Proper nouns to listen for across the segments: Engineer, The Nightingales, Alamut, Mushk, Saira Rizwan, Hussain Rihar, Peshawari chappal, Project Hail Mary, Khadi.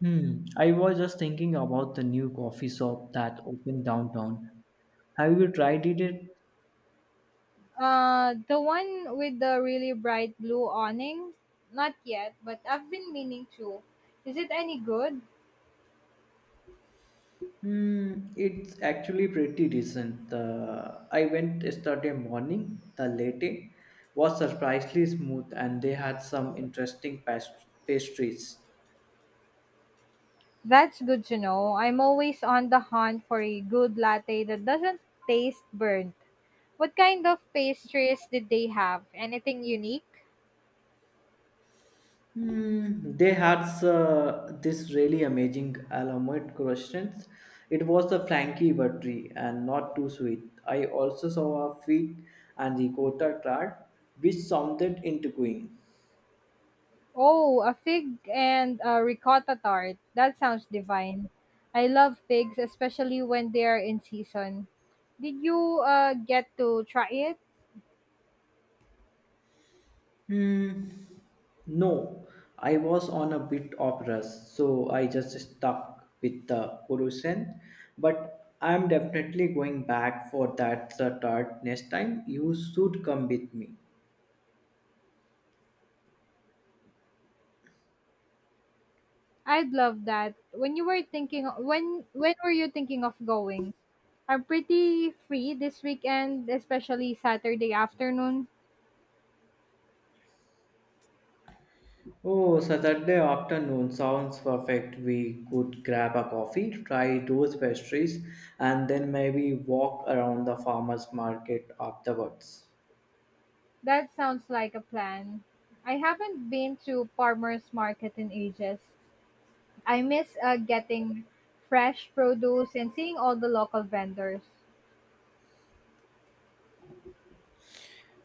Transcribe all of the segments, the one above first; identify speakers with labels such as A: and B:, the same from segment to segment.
A: Hmm. I was just thinking about the new coffee shop that opened downtown. Have you tried it yet?
B: The one with the really bright blue awning? Not yet, but I've been meaning to. Is it any good?
A: Hmm, it's actually pretty decent. I went yesterday morning. The latte was surprisingly smooth, and they had some interesting pastries.
B: That's good to know. I'm always on the hunt for a good latte that doesn't taste burnt. What kind of pastries did they have? Anything unique?
A: Hmm, they had this really amazing Alamut croissants. It was a flaky buttery and not too sweet. I also saw a fig and ricotta tart, which sounded intriguing.
B: Oh, a fig and a ricotta tart. That sounds divine. I love figs, especially when they are in season. Did you get to try it?
A: Hmm, no, I was on a bit of rush, so I just stuck with the croissant. But I'm definitely going back for that tart next time. You should come with me.
B: I'd love that. When were you thinking of going? I'm pretty free this weekend, especially Saturday afternoon.
A: Oh, Saturday afternoon sounds perfect. We could grab a coffee, try those pastries, and then maybe walk around the farmers market afterwards.
B: That sounds like a plan. I haven't been to farmers market in ages. I miss getting fresh produce and seeing all the local vendors.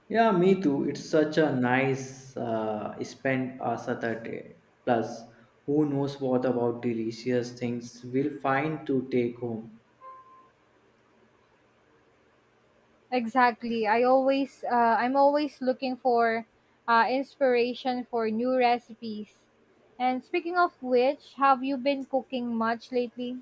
A: Yeah, me too. It's such a nice spend a Saturday. Plus, who knows what about delicious things we'll find to take home.
B: Exactly. I'm always looking for inspiration for new recipes. And speaking of which, have you been cooking much lately?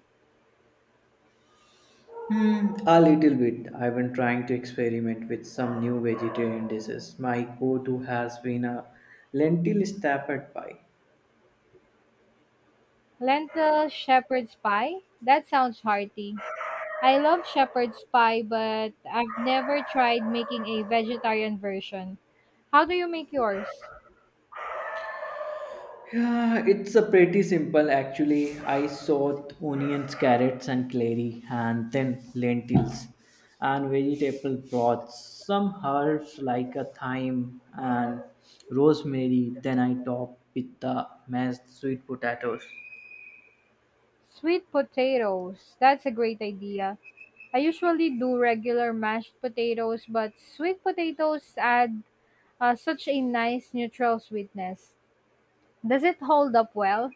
A: Hmm, a little bit. I've been trying to experiment with some new vegetarian dishes. My go-to has been a lentil stafford pie.
B: Lentil shepherd's pie? That sounds hearty. I love shepherd's pie, but I've never tried making a vegetarian version. How do you make yours?
A: Yeah, it's a pretty simple actually. I sowed onions, carrots, and clary, and then lentils and vegetable broths, some herbs like a thyme and rosemary. Then I topped with the mashed sweet potatoes.
B: Sweet potatoes. That's a great idea. I usually do regular mashed potatoes, but sweet potatoes add such a nice neutral sweetness. Does it hold up well?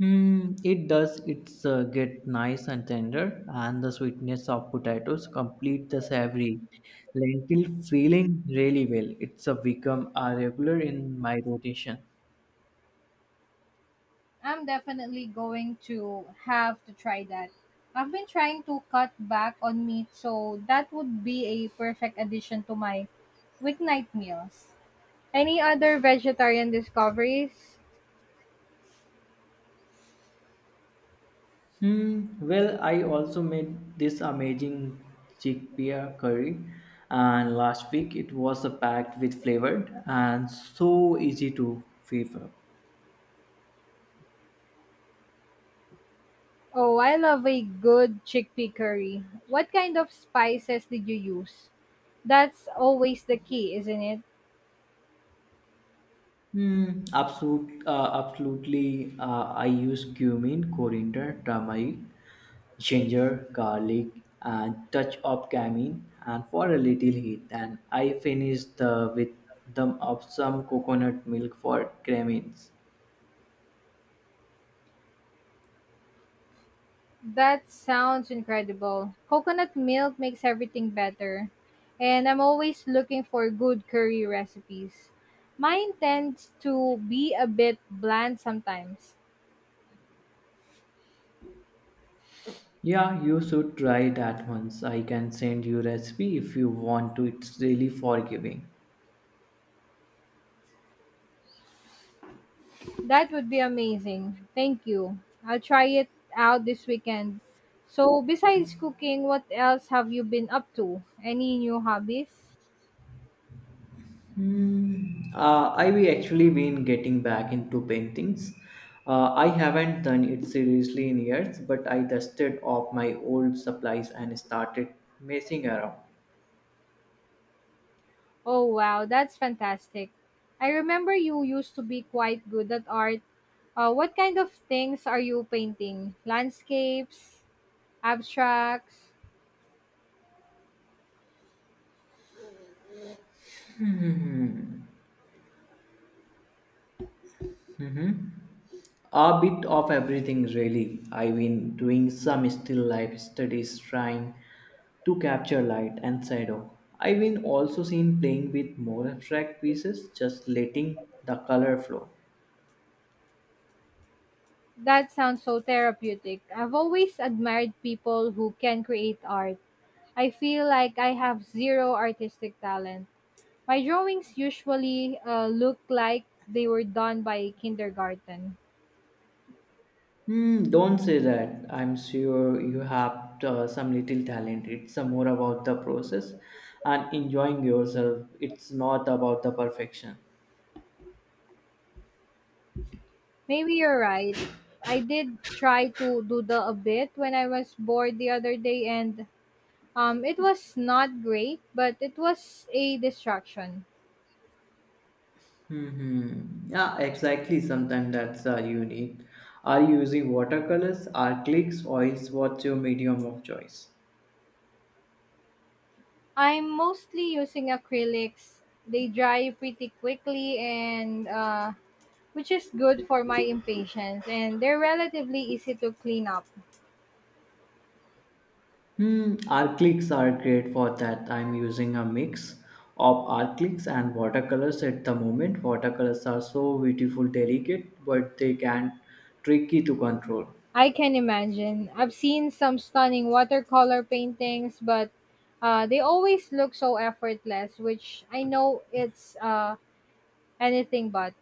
A: Hmm, it does. It's get nice and tender, and the sweetness of potatoes complete the savory lentil feeling really well. It's a become a regular in my rotation.
B: I'm definitely going to have to try that. I've been trying to cut back on meat, so that would be a perfect addition to my weeknight meals. Any other vegetarian discoveries?
A: Hmm. Well, I also made this amazing chickpea curry, and last week it was a packed with flavored and so easy to favor.
B: Oh, I love a good chickpea curry. What kind of spices did you use? That's always the key, isn't it?
A: Hmm. Absolutely. I use cumin, coriander, turmeric, ginger, garlic, and touch of cumin, and for a little heat. And I finished the with the of some coconut milk for cremins.
B: That sounds incredible. Coconut milk makes everything better. And I'm always looking for good curry recipes. Mine tends to be a bit bland sometimes.
A: Yeah, you should try that once. I can send you recipe if you want to. It's really forgiving.
B: That would be amazing. Thank you. I'll try it out this weekend. So, besides cooking, what else have you been up to? Any new hobbies?
A: Hmm. I've actually been getting back into paintings. I haven't done it seriously in years, but I dusted off my old supplies and started messing around.
B: Oh, wow, that's fantastic. I remember you used to be quite good at art. What kind of things are you painting? Landscapes, abstracts?
A: A bit of everything, really. I've been doing some still life studies trying to capture light and shadow. I've been also seen playing with more abstract pieces, just letting the color flow.
B: That sounds so therapeutic. I've always admired people who can create art. I feel like I have zero artistic talent. My drawings usually look like they were done by kindergarten.
A: Hmm, don't say that. I'm sure you have some little talent. It's more about the process and enjoying yourself. It's not about the perfection.
B: Maybe you're right. I did try to doodle a bit when I was bored the other day, and it was not great, but it was a distraction.
A: Mm-hmm. Yeah, exactly. Sometimes that's unique. Are you using watercolors, acrylics, oils? What's your medium of choice?
B: I'm mostly using acrylics. They dry pretty quickly and which is good for my impatience and they're relatively easy to clean up.
A: Hmm, acrylics are great for that. I'm using a mix of acrylics and watercolors at the moment. Watercolors are so beautiful, delicate, but they can tricky to control.
B: I can imagine. I've seen some stunning watercolor paintings, but they always look so effortless, which I know it's anything but.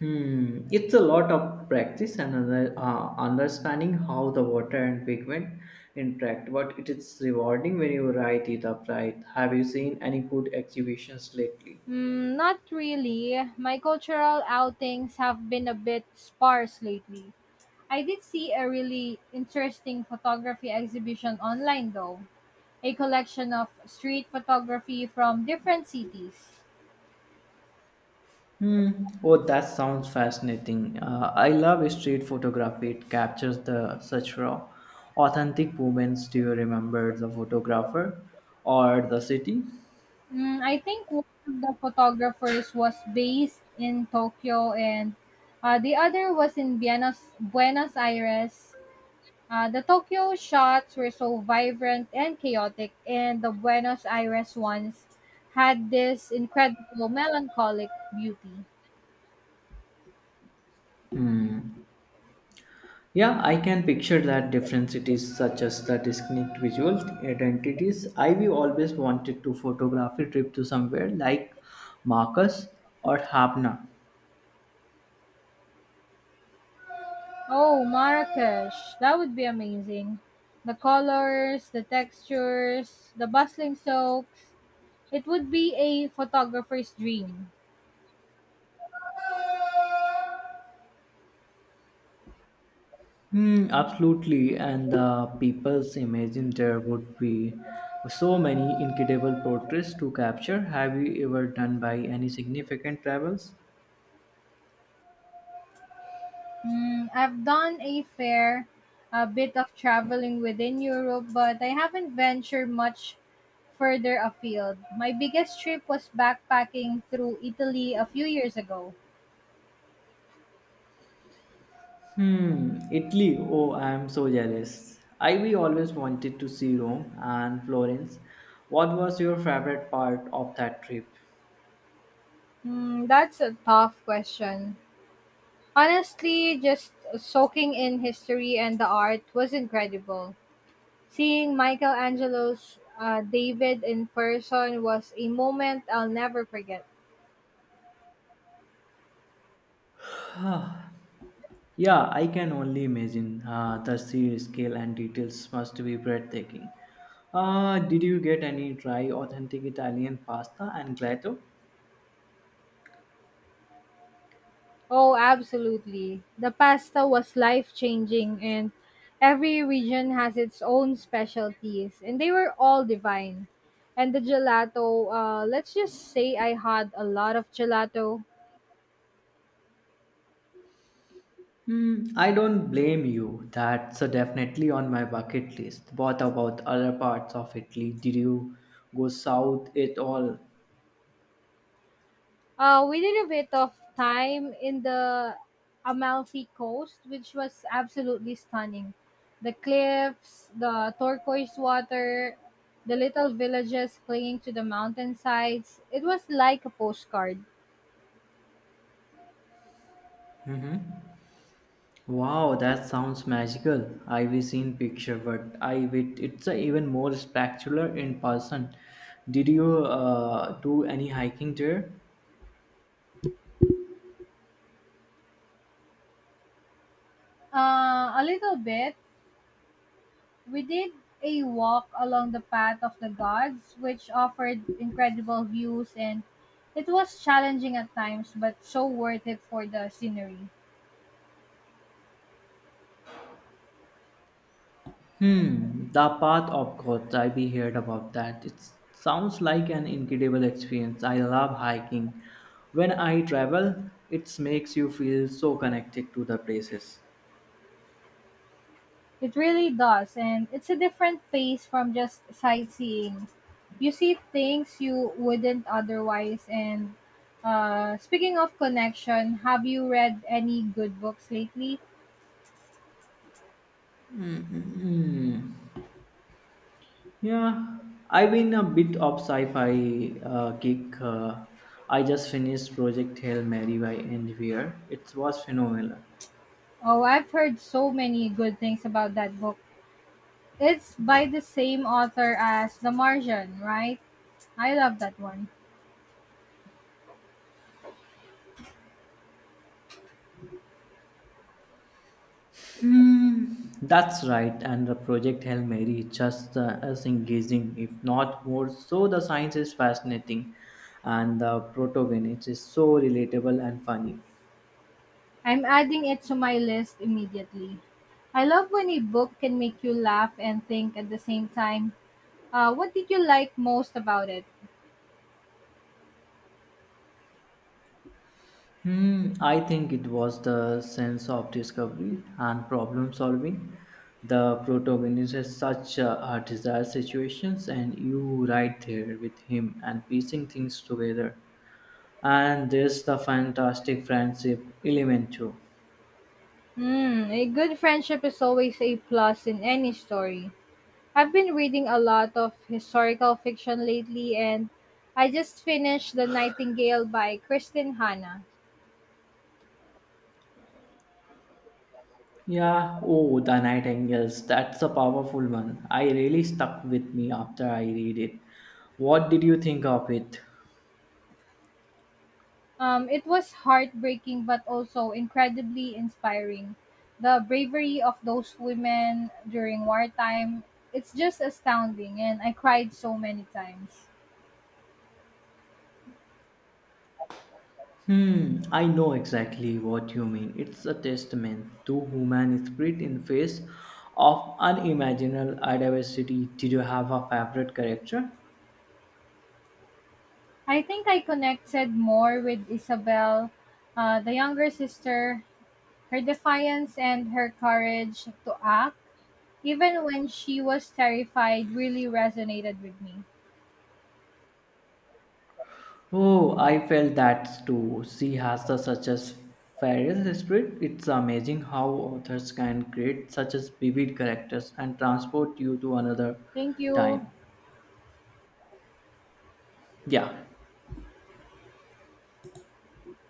A: Hmm, it's a lot of practice and understanding how the water and pigment interact, but it is rewarding when you write it up right. Have you seen any good exhibitions lately?
B: Mm, not really. My cultural outings have been a bit sparse lately. I did see a really interesting photography exhibition online though, a collection of street photography from different cities.
A: Hmm. Oh, that sounds fascinating. I love street photography. It captures the such raw, authentic moments. Do you remember the photographer or the city?
B: Mm, I think one of the photographers was based in Tokyo and the other was in Buenos Aires. The Tokyo shots were so vibrant and chaotic, and the Buenos Aires ones had this incredible melancholic beauty.
A: Hmm. Yeah, I can picture that difference. It is such as the distinct visual identities. I we always wanted to photograph a trip to somewhere like Marcus or Havna.
B: Oh, Marrakesh. That would be amazing. The colors, the textures, the bustling soaks. It would be a photographer's dream.
A: Hmm, absolutely, and the people's imagine there would be so many incredible portraits to capture. Have you ever done by any significant travels?
B: Mm, I've done a bit of traveling within Europe, but I haven't ventured much further afield. My biggest trip was backpacking through Italy a few years ago.
A: Hmm, Italy. Oh, I am so jealous. I we always wanted to see Rome and Florence. What was your favorite part of that trip?
B: Hmm, that's a tough question. Honestly, just soaking in history and the art was incredible. Seeing Michelangelo's David in person was a moment I'll never forget.
A: Ah, yeah, I can only imagine. The sheer scale and details must be breathtaking. Did you get any try authentic Italian pasta and gelato?
B: Oh, absolutely. The pasta was life changing, and every region has its own specialties, and they were all divine. And the gelato, let's just say I had a lot of gelato.
A: Hmm, I don't blame you. That's definitely on my bucket list. What about other parts of Italy? Did you go south at all?
B: We did a bit of time in the Amalfi Coast, which was absolutely stunning. The cliffs, the turquoise water, the little villages clinging to the mountainsides. It was like a postcard.
A: Mm-hmm. Wow, that sounds magical. I've seen picture, but I wait. It's even more spectacular in person. Did you do any hiking there?
B: A little bit, we did a walk along the path of the gods, which offered incredible views and it was challenging at times, but so worth it for the scenery.
A: Hmm, the path of God. I be heard about that. It sounds like an incredible experience. I love hiking. When I travel, it makes you feel so connected to the places.
B: It really does, and it's a different pace from just sightseeing. You see things you wouldn't otherwise. And speaking of connection, have you read any good books lately?
A: Hmm. Yeah, I've been a bit of sci-fi geek. I just finished Project Hail Mary by Engineer. It was phenomenal.
B: Oh, I've heard so many good things about that book. It's by the same author as The Martian, right? I love that one.
A: Hmm, that's right, and the Project Hail Mary is just as engaging, if not more. So the science is fascinating, and the protagonist is so relatable and funny.
B: I'm adding it to my list immediately. I love when a book can make you laugh and think at the same time. What did you like most about it?
A: Hmm, I think it was the sense of discovery and problem solving. The protagonist has such a desired situations, and you right there with him and piecing things together. And there's the fantastic friendship element too.
B: Hmm, a good friendship is always a plus in any story. I've been reading a lot of historical fiction lately, and I just finished The Nightingale by Kristen Hanna.
A: Yeah, oh, The Nightingales. That's a powerful one. I really stuck with me after I read it. What did you think of it?
B: It was heartbreaking but also incredibly inspiring. The bravery of those women during wartime, it's just astounding, and I cried so many times.
A: Hmm, I know exactly what you mean. It's a testament to human spirit in the face of unimaginable adversity. Did you have a favorite character?
B: I think I connected more with Isabel, the younger sister. Her defiance and her courage to act, even when she was terrified, really resonated with me.
A: Oh, I felt that too. She has the such as fearless spirit. It's amazing how authors can create such as vivid characters and transport you to another
B: Thank you.
A: time. Yeah.